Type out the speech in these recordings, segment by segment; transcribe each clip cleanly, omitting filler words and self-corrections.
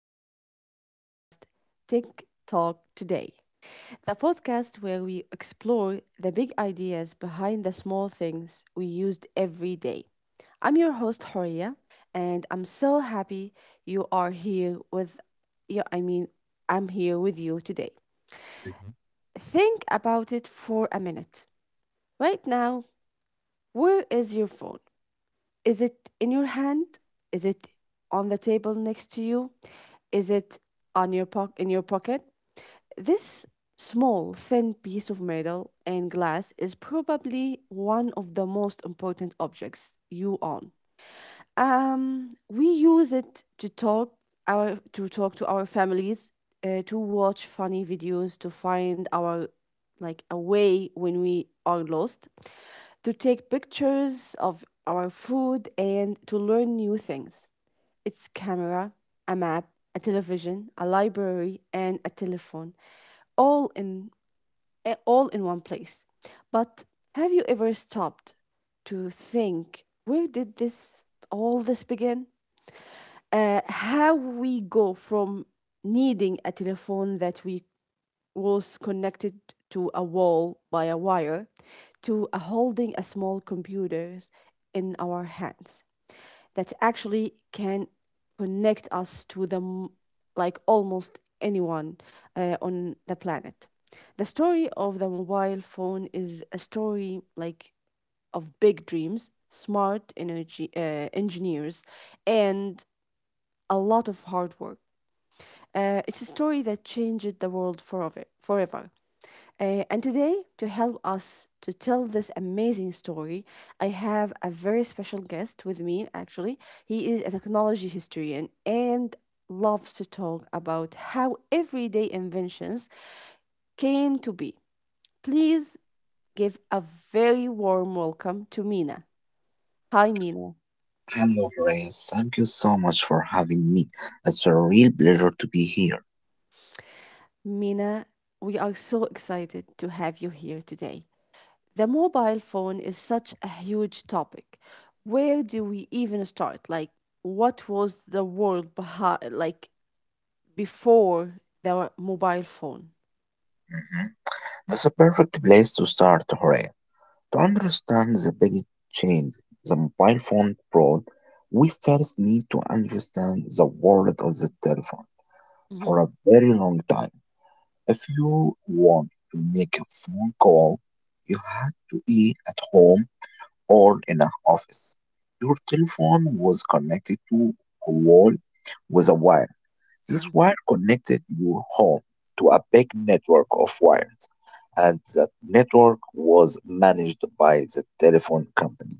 to your podcast, Tech Talk Today, the podcast where we explore the big ideas behind the small things we used every day. I'm your host, Horia, and I'm so happy you are here with you. I mean, I'm here with you today. Think about it for a minute. Right now, where is your phone? Is it in your hand? Is it on the table next to you? Is it on your poc in your pocket? This small, thin piece of metal and glass is probably one of the most important objects you own. We use it to talk our to talk to our families, to watch funny videos, to find our like a way when we are lost, to take pictures of our food and to learn new things. It's camera, a map, a television, a library, and a telephone, all in one place. But have you ever stopped to think, where did this all this begin? How we go from needing a telephone that we was connected to a wall by a wire to a holding a small computers in our hands that actually can connect us to like almost anyone on the planet. The story of the mobile phone is a story like of big dreams smart energy engineers and a lot of hard work. It's a story that changed the world forever. And today, to help us to tell this amazing story, I have a very special guest with me, actually. He is a technology historian and loves to talk about how everyday inventions came to be. Please give a very warm welcome to Mina. Hi, Mina. Hello, Reyes. Thank you so much for having me. It's a real pleasure to be here. Mina, we are so excited to have you here today. The mobile phone is such a huge topic. Where do we even start? Like, what was the world behind, like, before the mobile phone? Mhm. That's a perfect place to start, Reyes. To understand the big change the mobile phone brought, we first need to understand the world of the telephone for Mhm, a very long time. If you want to make a phone call, you had to be at home or in an office. Your telephone was connected to a wall with a wire. This mhm. wire connected your home to a big network of wires, and that network was managed by the telephone company.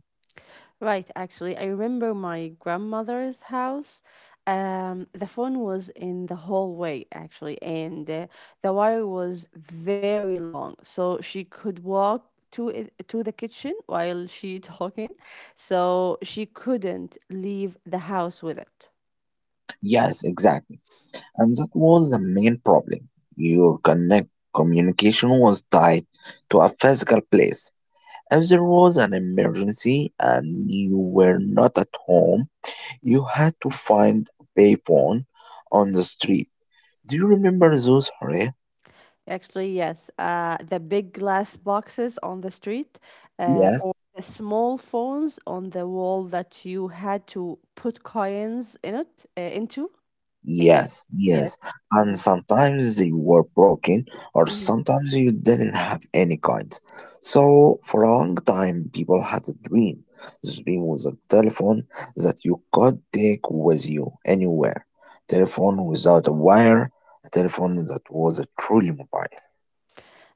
Right, actually, I remember my grandmother's house. The phone was in the hallway, actually, and the wire was very long, so she could walk to the kitchen while she talking. So she couldn't leave the house with it. Yes, exactly. And that was the main problem. Your connect communication was tied to a physical place. If there was an emergency and you were not at home, you had to find a payphone on the street. Do you remember those, Hare? Actually, yes, the big glass boxes on the street, or Yes. the small phones on the wall that you had to put coins in it into. I mean, Yes, yes. yes. And Hmm. sometimes they were broken, or Hmm. sometimes you didn't have any coins. So, for a long time, people had a dream. The dream was a telephone that you could take with you anywhere. Telephone without a wire, a telephone that was a truly mobile.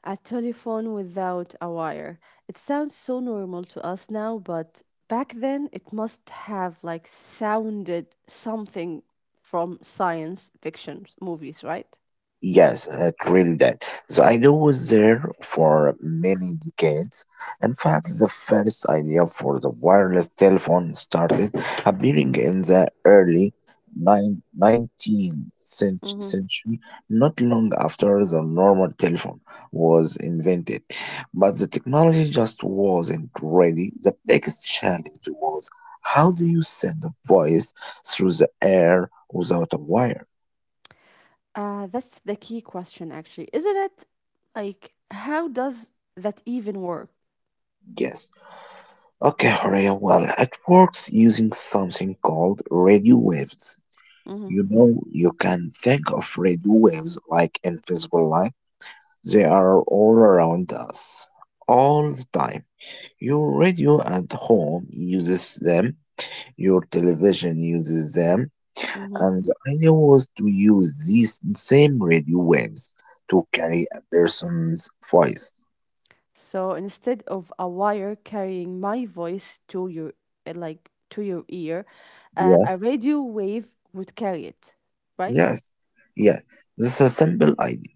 A telephone without a wire. It sounds so normal to us now, but back then it must have like sounded something from science fiction movies, right? Yes, it really did. The idea was there for many decades. In fact, the first idea for the wireless telephone started appearing in the early nine- 19th Mm-hmm. century, not long after the normal telephone was invented. But the technology just wasn't ready. The biggest challenge was, how do you send a voice through the air without a wire? That's the key question, actually, isn't it? Like, how does that even work? Yes. Okay, Horea, well, it works using something called radio waves. Mm-hmm. You know, you can think of radio waves like invisible light. They are all around us, all the time. Your radio at home uses them, your television uses them, and the idea was to use these same radio waves to carry a person's voice. So instead of a wire carrying my voice to your like to your ear, a Yes, radio wave would carry it, right? yes, Mhm, yes. This is a simple idea.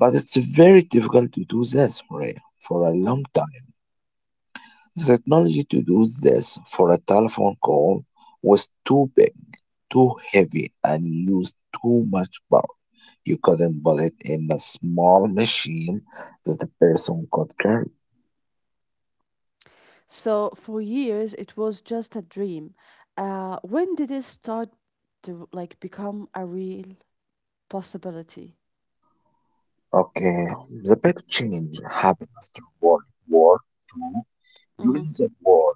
But it's very difficult to do this for a mhm. long time. The technology to do this for a telephone call was too big, too heavy, and used too much power. You couldn't put it in a small machine that the person could carry. So for years it was just a dream. When did it start to like become a real possibility? Okay, the big change happened after World War Two. During Mhm. the war,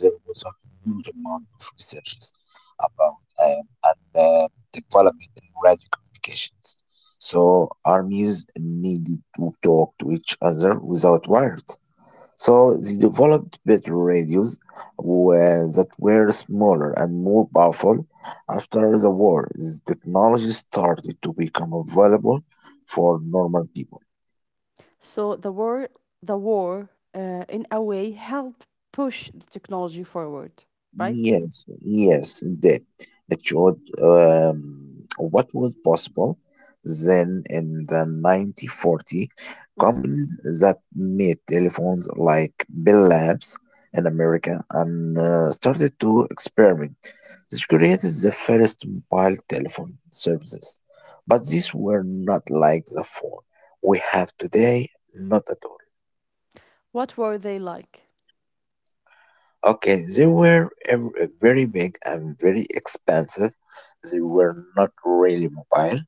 there was a huge amount of researches about and development in radio communications. So armies needed to talk to each other without wires. So they developed better radios that were smaller and more powerful. After the war, this technology started to become available for normal people. So the war, in a way, helped push the technology forward, right? Yes, yes, indeed. It showed what was possible then in the 1940. Mhm. Companies that made telephones like Bell Labs in America and started to experiment. This created the first mobile telephone services, but these were not like the phone we have today, not at all. What were they like? Okay, they were very big and very expensive. They were not really mobile.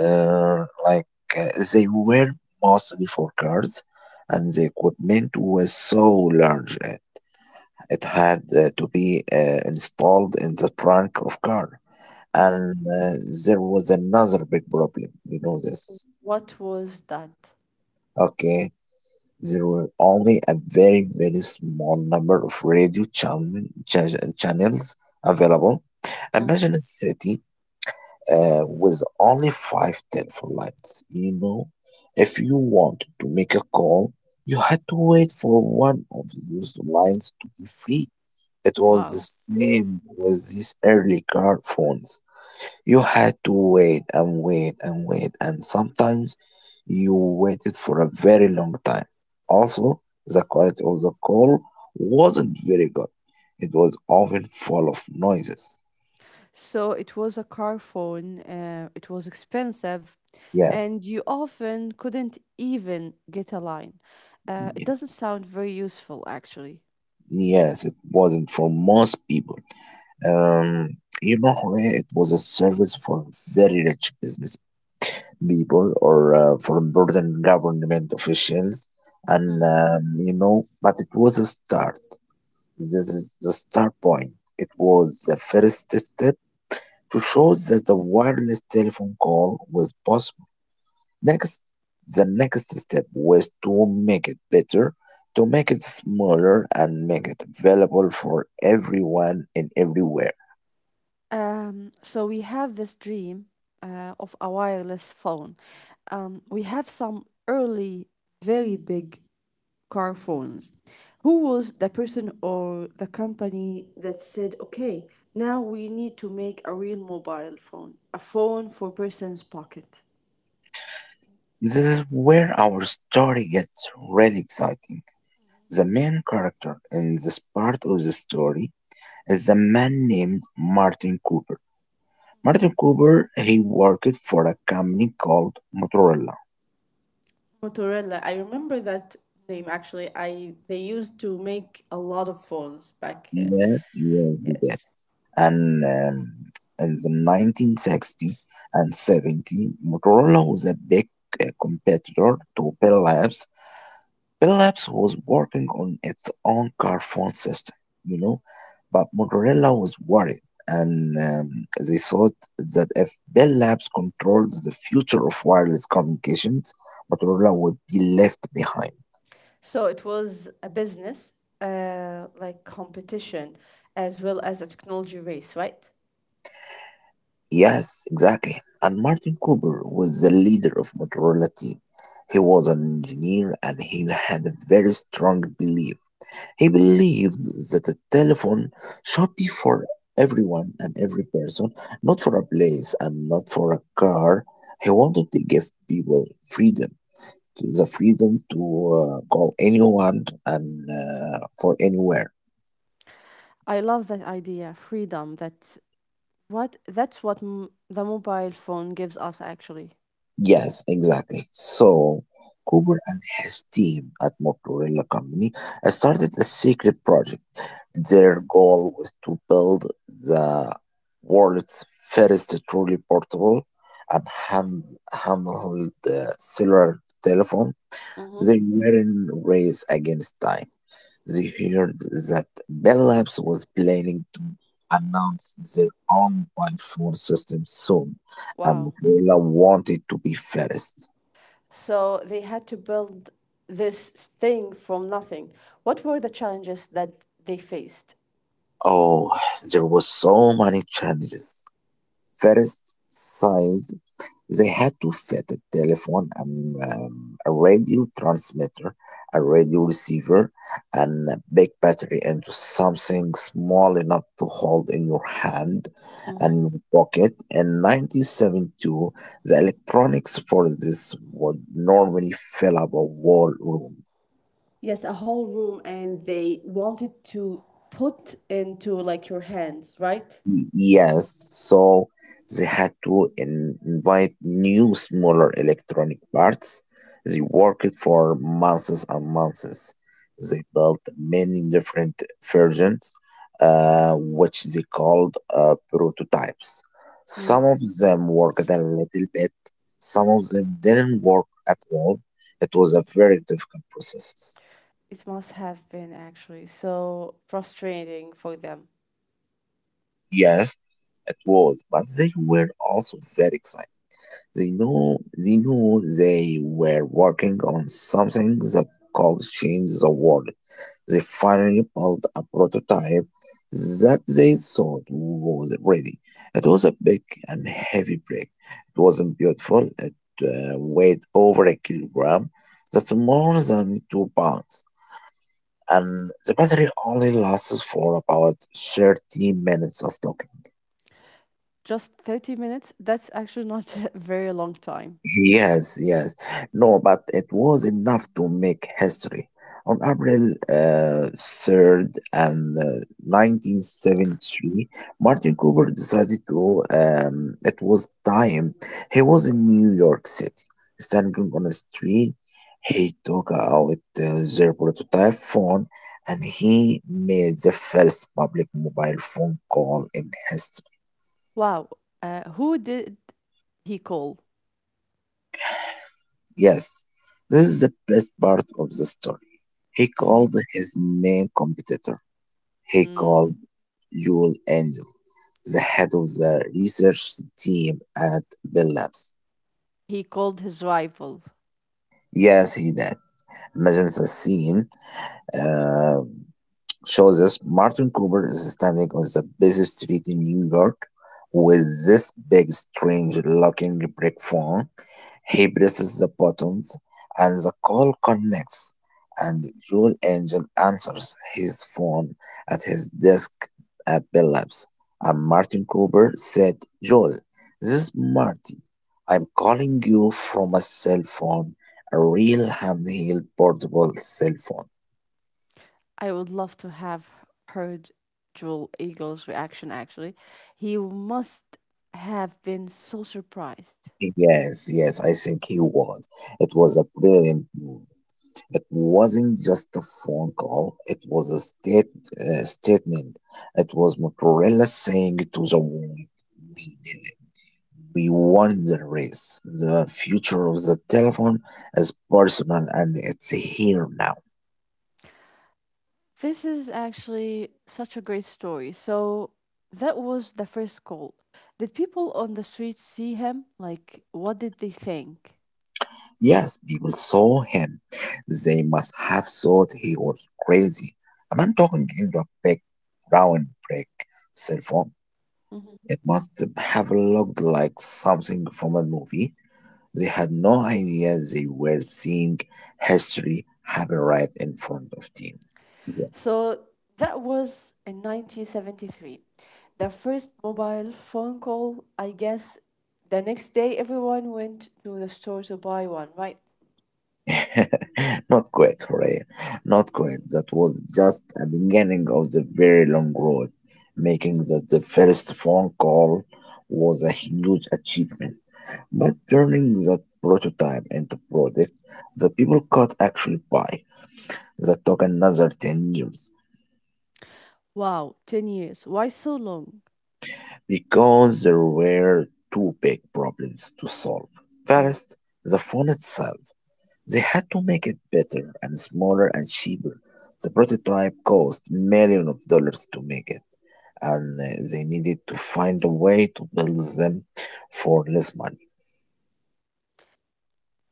Uh, like they were mostly for cars, and the equipment was so large, it had to be installed in the trunk of car. Mhm. And there was another big problem. You know this, What was that? okay? There were only a very, very small number of radio channels available. Mhm. Imagine a city with only five telephone lines. You know, if you wanted to make a call, you had to wait for one of those lines to be free. It was the Wow. same with these early car phones. You had to wait and wait and wait, and sometimes you waited for a very long time. Also, the quality of the call wasn't very good. It was often full of noises. So it was a car phone, it was expensive, Yes, and you often couldn't even get a line. It doesn't yes, sound very useful, actually. yes, it wasn't for most people. Um, you know, it was a service for very rich business people or for important government officials, and Mhm. You know, but it was a start. This is the start point. It was the first step to show that the wireless telephone call was possible. Next, the next step was to make it better, to make it smaller, and make it available for everyone and everywhere. So we have this dream of a wireless phone. We have some early, very big car phones. Who was the person or the company that said, okay, now we need to make a real mobile phone, a phone for person's pocket? This is where our story gets really exciting. The main character in this part of the story is a man named Martin Cooper. Martin Cooper, he worked for a company called Motorola. Motorola. I remember that name actually. I They used to make a lot of phones back. Yes, yes, he did. Yes. And in the 1960 and 70, Motorola was a big competitor to Bell Labs. Philips was working on its own car phone system, you know, but Motorola was worried, and they thought that if Bell Labs controlled the future of wireless communications, Motorola would be left behind. So it was a business, like competition, as well as a technology race, right? Yes, exactly. And Martin Cooper was the leader of Motorola team. He was an engineer and he had a very strong belief. He believed that the telephone should be for everyone and every person, not for a place and not for a car. He wanted to give people freedom, the freedom to call anyone and for anywhere. I love that idea, freedom, that what that's the mobile phone gives us actually. Yes, exactly. So, Cooper and his team at Motorola Company started a secret project. Their goal was to build the world's first truly portable and handheld cellular telephone. Hmm. They were in race against time. They heard that Bell Labs was planning to announce their own iPhone system soon, and Wow. Motorola wanted to be first. So they had to build this thing from nothing. What were the challenges that they faced? Oh, there were so many challenges. First, size. They had to fit a telephone, a radio transmitter, a radio receiver, and a big battery into something small enough to hold in your hand and Hmm. your pocket. In 1972, the electronics for this would normally fill up a whole room. Yes, a whole room, and they wanted to put into like your hands, right? Yes, so they had to invite new smaller electronic parts. They worked for months and months. They built many different versions, which they called prototypes. Some Mm. of them worked a little bit, some of them didn't work at all. It was a very difficult process. It must have been actually so frustrating for them. Yes, it was, but they were also very exciting. They knew they were working on something that could change the world. They finally built a prototype that they thought was ready. It was a big and heavy brick. It wasn't beautiful. It weighed over a kilogram. That's more than 2 pounds. And the battery only lasts for about 30 minutes of talking. Just 30 minutes, that's actually not a very long time. Yes, yes. No, but it was enough to make history. On April 3rd and 1973, Martin Cooper decided to, it was time. He was in New York City, standing on a street. He took out their prototype phone and he made the first public mobile phone call in history. Wow. Who did he call? Yes, this is the best part of the story. He Hmm. called his main competitor. He Mm. called Joel Angel, the head of the research team at Bell Labs. He called his rival. Yes, he did. Imagine the scene. Uh, shows us Martin Cooper is standing on the busy street in New York with this big, strange looking brick phone. He presses the buttons, and the call connects, and Joel Angel answers his phone at his desk at Bell Labs. And Martin Cooper said, "Joel, this is Marty. I'm calling you from a cell phone, a real handheld portable cell phone." I would love to have heard Joel Eagle's reaction, actually. He must have been so surprised. Yes, yes, I think he was. It was a brilliant move. It wasn't just a phone call, it was a statement. It was Motorola saying to the world, we did it. We won the race. The future of the telephone is personal and it's here now. This is actually such a great story. So, that was the first call. Did people on the street see him? Like, what did they think? Yes, people saw him. They must have thought he was crazy. A man talking into a big brown brick cell phone. It must have looked like something from a movie. They had no idea they were seeing history happen right in front of them. The- So that was in 1973. The first mobile phone call, I guess the next day everyone went to the store to buy one, right? not quite, hooray. Not quite. That was just a beginning of the very long road. Making that the first phone call was a huge achievement. But turning that prototype into product that people could actually buy, that took another 10 years. Wow, 10 years. Why so long? Because there were two big problems to solve. Mm, First, the phone itself. They had to make it better and smaller and cheaper. The prototype cost millions of dollars to make it, and they needed to find a way to build them for less money.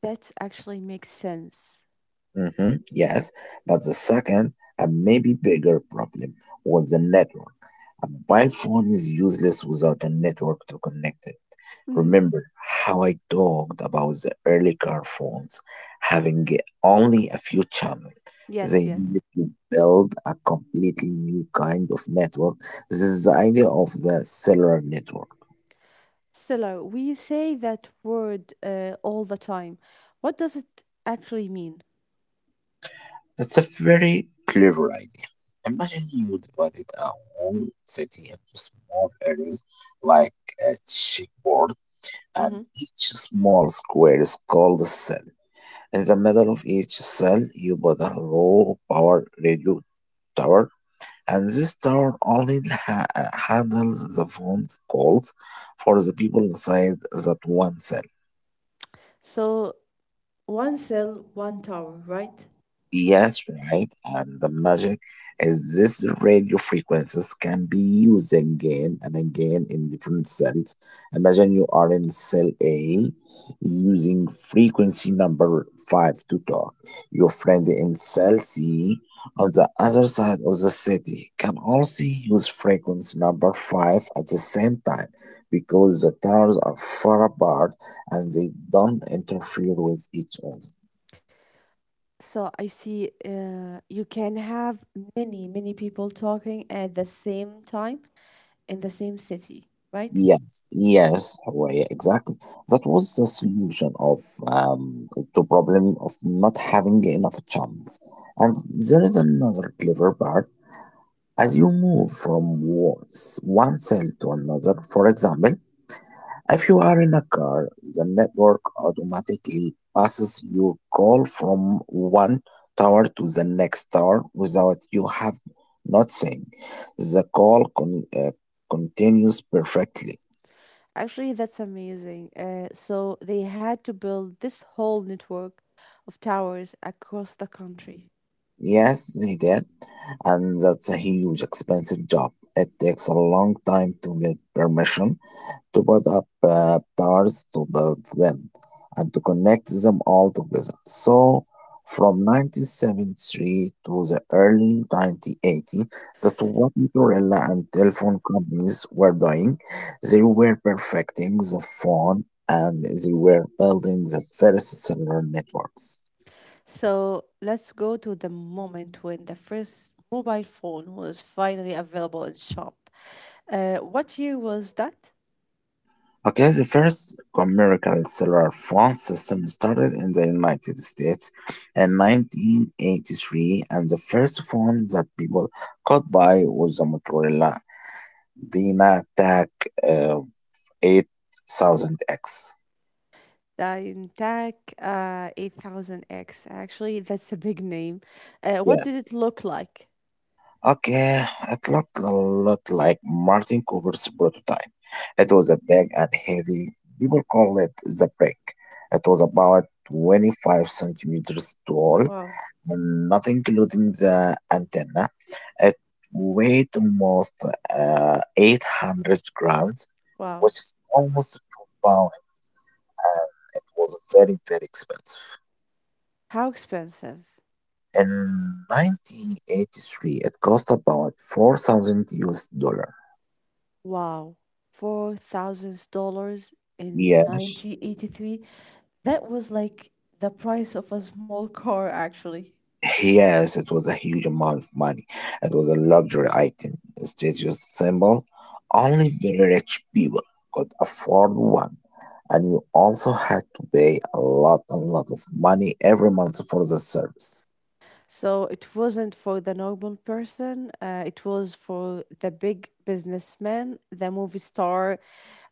that actually makes sense. Hmm, yes, but the second and maybe bigger problem was the network. A mobile phone is useless without a network to connect it. Mm, Remember how I talked about the early car phones having only a few channels? yes, They yes. needed to build a completely new kind of network. This is the idea of the cellular network. Stella, we say that word all the time. What does it actually mean? It's a very clever idea. Imagine you divided a whole city into small areas like a chessboard, and Mm-hmm. each small square is called a cell. In the middle of each cell, you put a low power radio tower, and this tower only handles the phone calls for the people inside that one cell. So, one cell, one tower, right? Yes, right. And the magic is this radio frequencies can be used again and again in different cells. Imagine you are in cell A using frequency number 5 to talk. Your friend in cell C on the other side of the city can also use frequency number 5 at the same time because the towers are far apart and they don't interfere with each other. So I see you can have many, many people talking at the same time in the same city, right? Yes, yes, Hawaii, exactly. That was the solution of um to problem of not having enough channels. And there is another clever part. As you move from one cell to another, for example, if you are in a car, the network automatically passes your call from one tower to the next tower without you have not saying. The call continues perfectly. Actually, that's amazing. So they had to build this whole network of towers across the country. Yes, he did. And that's a huge expensive job. It takes a long time to get permission to put up towers, to build them, and to connect them all together. So, from 1973 to the early 1980s, that's what Motorola and telephone companies were doing. They were perfecting the phone and they were building the first cellular networks. So let's go to the moment when the first mobile phone was finally available in shop. What year was that? Okay, the first commercial cellular phone system started in the United States in 1983, and the first phone that people could buy was the Motorola DynaTAC uh, 8000X. Dyntac 8000X. Actually, that's a big name. What did Yes. it look like? Okay, it looked a lot like Martin Cooper's prototype. It Mm, was a big and heavy. People call it the brick. It was about 25 centimeters tall wow, and not including the antenna. It weighed almost 800 grams, wow. which is almost 2 pounds, and it was very, very expensive. How expensive? In 1983, it cost about 4,000 US dollar. Wow. $4,000 in Yes. 1983. That was like the price of a small car, actually. Yes, it was a huge amount of money. It was a luxury item, a status symbol. Only very rich people could afford one. And you also had to pay a lot of money every month for the service. So it wasn't for the normal person, it was for the big businessman, the movie star,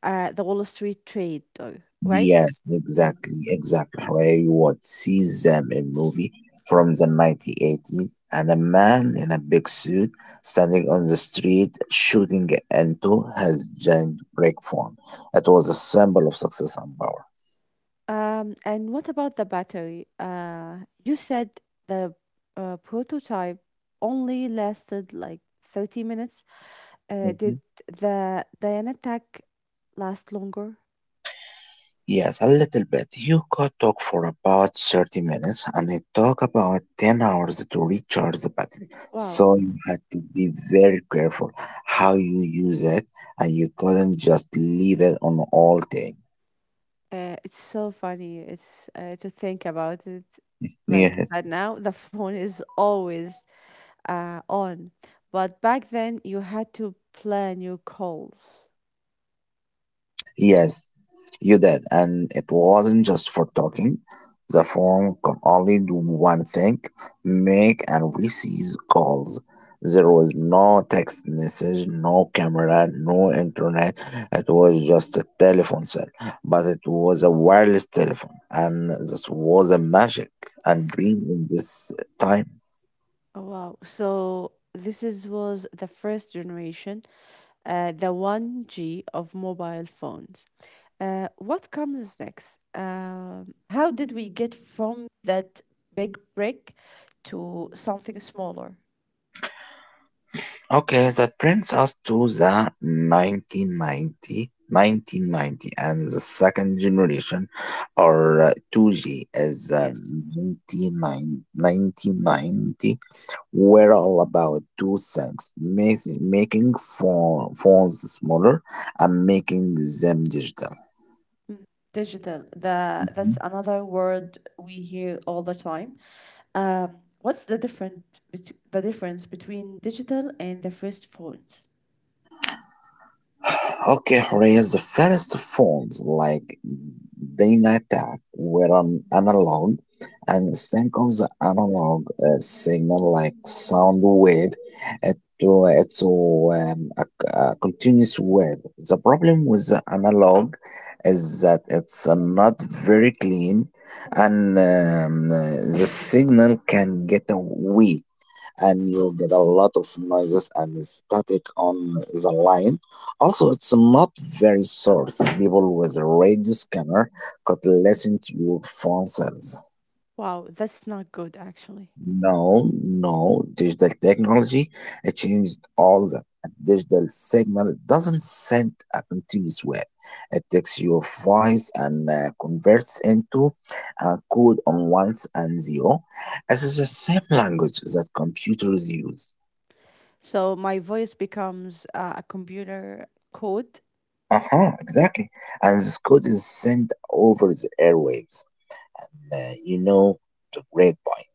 the Wall Street trader, right? Yes, Mm-hmm. exactly, exactly. Where you would see them in movie from the 1980s and a man in a big suit standing on the street shooting into his giant brick phone. It was a symbol of success and power. And what about the battery? You said the prototype only lasted like 30 minutes. Did the Diana Tech last longer? Yes, a little bit. You could talk for about 30 minutes and it took about 10 hours to recharge the battery. Wow. So you had to be very careful how you use it and you couldn't just leave it on all day. It's so funny. It's to think about it like Yeah. that now. The phone is always on, but back then you had to plan your calls. Yes, you did, and it wasn't just for talking. The phone could only do one thing, make and receive calls. There was no text message, no camera, no internet. It was just a telephone set, but it was a wireless telephone, and this was a magic and dream in this time. Oh, wow. So this is was the first generation, the 1G of mobile phones. What comes next? How did we get from that big brick to something smaller? Okay, that brings us to the 1990 1990 and the second generation or 2G is the Yes. 1990 were all about two things, making phones smaller and making them digital. Mm. Digital. The that's another word we hear all the time. What's the difference between digital and the first phones? Okay, Horace, the first phones like Dynatac were an analog, and think of the analog signal like sound wave it, to, it to um, a, a continuous wave. The problem with the analog is that it's not very clean and the signal can get weak and you'll get a lot of noises and static on the line. Also, it's not very source. People with a radio scanner could listen to your phone cells. Wow, that's not good actually. No, no, digital technology it changed all that. A digital signal doesn't send a continuous wave. It takes your voice and converts into a code on ones and zero. This is the same language that computers use. So my voice becomes a computer code. Uh-huh, exactly. And this code is sent over the airwaves. And you know the great point.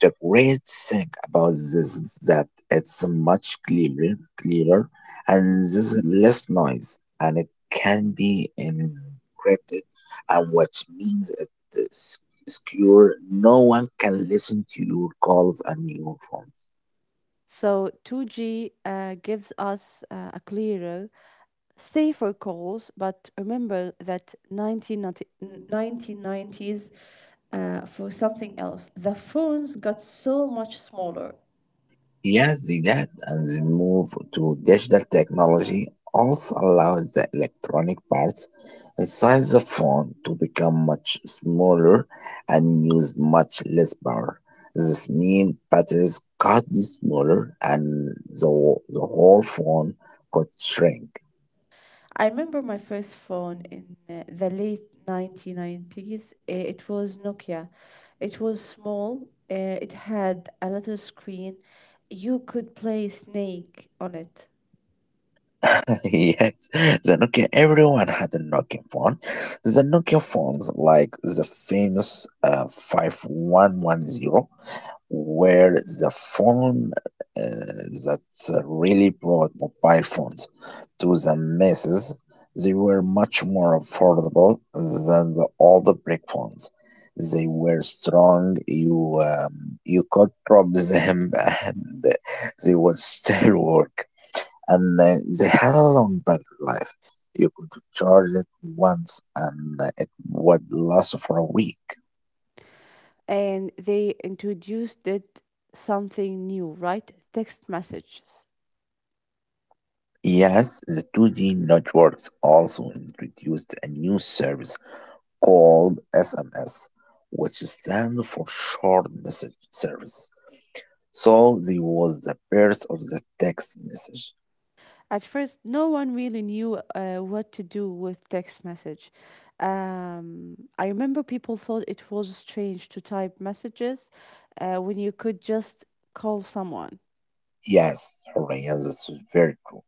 The great thing about this is that it's much clearer, and there's less noise, and it can be encrypted, and which means it is secure. No one can listen to your calls and your phones. So 2G gives us a clearer, safer calls, but remember that 1990s for something else. The phones got so much smaller. Yes, the that and the move to digital technology also allows the electronic parts inside the phone to become much smaller and use much less power. This means batteries could be smaller and the whole phone could shrink. I remember my first phone in the late 1990s. It was Nokia. It was small. It had a little screen. You could play Snake on it. yes, the Nokia, everyone had a Nokia phone. The Nokia phones, like the famous 5110 were the form uh, that really brought mobile phones to the masses. They were much more affordable than the old brick phones. They were strong. You you could drop them and they would still work. And they had a long battery life. You could charge it once and it would last for a week. And they introduced it something new, right? Text messages. Yes, the 2G networks also introduced a new service called SMS, which stands for Short Message Service. So there was the birth of the text message. At first, no one really knew what to do with text message. I remember people thought it was strange to type messages when you could just call someone. Yes, Horayan, this is very true.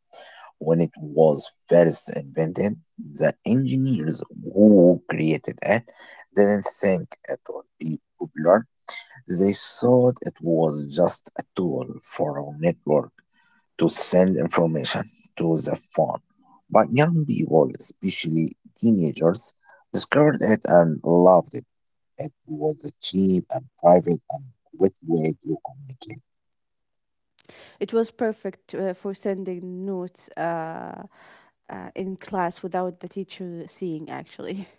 When it was first invented, the engineers who created it didn't think it would be popular. They thought it was just a tool for a network to send information to the phone. But young people, especially teenagers, discovered it and loved it. It was a cheap and private and quick way to communicate. It was perfect for sending notes in class without the teacher seeing, actually.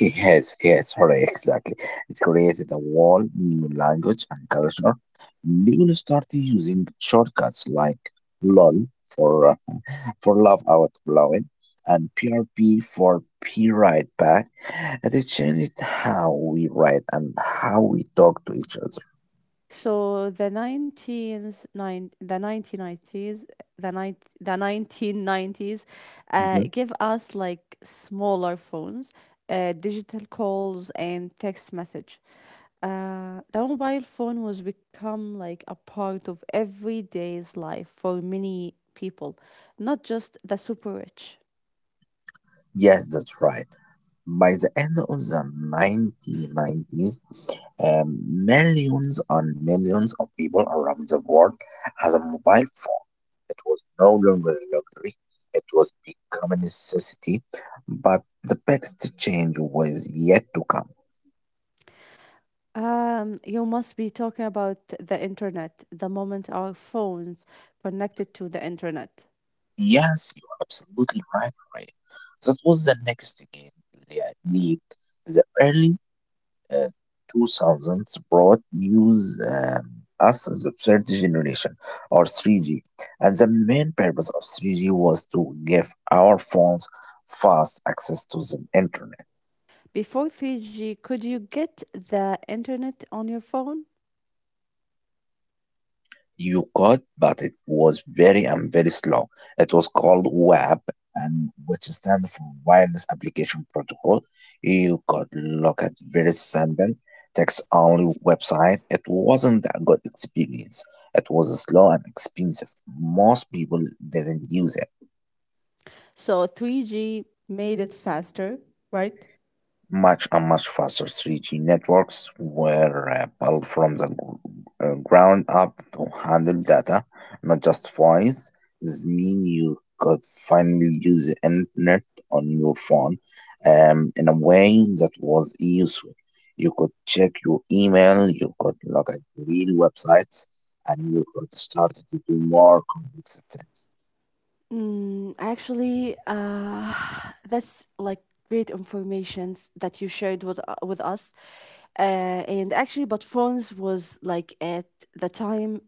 Yes, yes, sorry, exactly. It created a whole new language and culture. People started using shortcuts like LOL for for love out loud and PRP for P right back. And it changed how we write and how we talk to each other. So the 19s, nine, the 1990s, the, nine, the 1990s Mhm. give us like smaller phones, digital calls, and text message. The mobile phone was become like a part of everyday's life for many people, not just the super rich. Yes, that's right. By the end of the 1990s, millions and millions of people around the world has a mobile phone. It was no longer a luxury. It was become a necessity, but the biggest change was yet to come. You must be talking about the internet, the moment our phones connected to the internet. Yes, you are absolutely right, Ryan. That was the next game, league. The early uh, 2000s brought news us the third generation or 3G, and the main purpose of 3G was to give our phones fast access to the internet. Before 3G, could you get the internet on your phone? You got, but it was very and very slow. It was called WAP, and which stands for Wireless Application Protocol. You could look at very simple text-only website. It wasn't a good experience. It was slow and expensive. Most people didn't use it. So 3G made it faster, right? Much and much faster 3G networks were built from the ground up to handle data, not just voice. This mean you could finally use the internet on your phone in a way that was useful. You could check your email, you could look at real websites, and you could start to do more complex things. Mm, actually, that's like great informations that you shared with us. And actually, but phones was like at the time.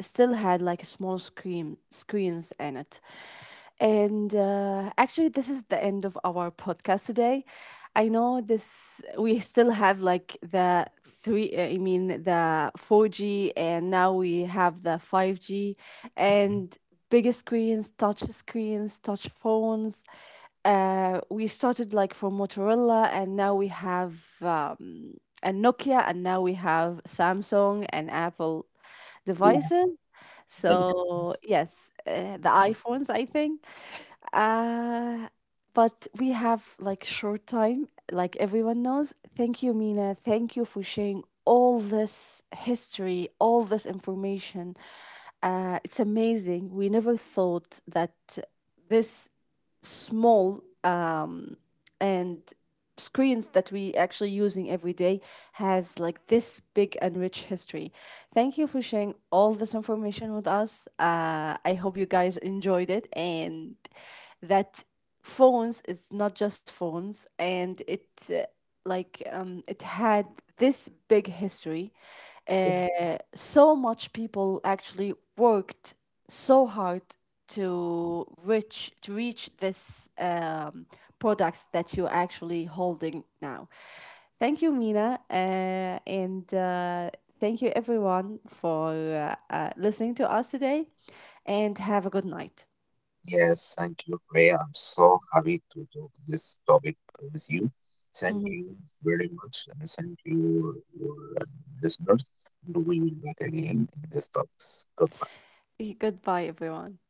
Still had like a small screens in it. And actually, this is the end of our podcast today. I know this. We still have like the three. I mean the 4G, and now we have the 5G, and bigger screens, touch phones. We started like from Motorola, and now we have a Nokia, and now we have Samsung and Apple Yes, devices. many So companies. yes, the iPhones, I think. Uh, but we have like short time, like everyone knows. Thank you, Mina. Thank you for sharing all this history, all this information. It's amazing. We never thought that this small and screens that we actually using every day has like this big and rich history. Thank you for sharing all this information with us. I hope you guys enjoyed it and that phones is not just phones and uh, it had this big history Yes. So much people actually worked so hard to reach this products that you're actually holding now. Thank you, Mina, and thank you everyone for listening to us today, and have a good night. Yes, thank you, Priya. I'm so happy to talk this topic with you. Thank Mhm. you very much, and thank you, your listeners. And we will back again in this topics. Goodbye. Goodbye, everyone.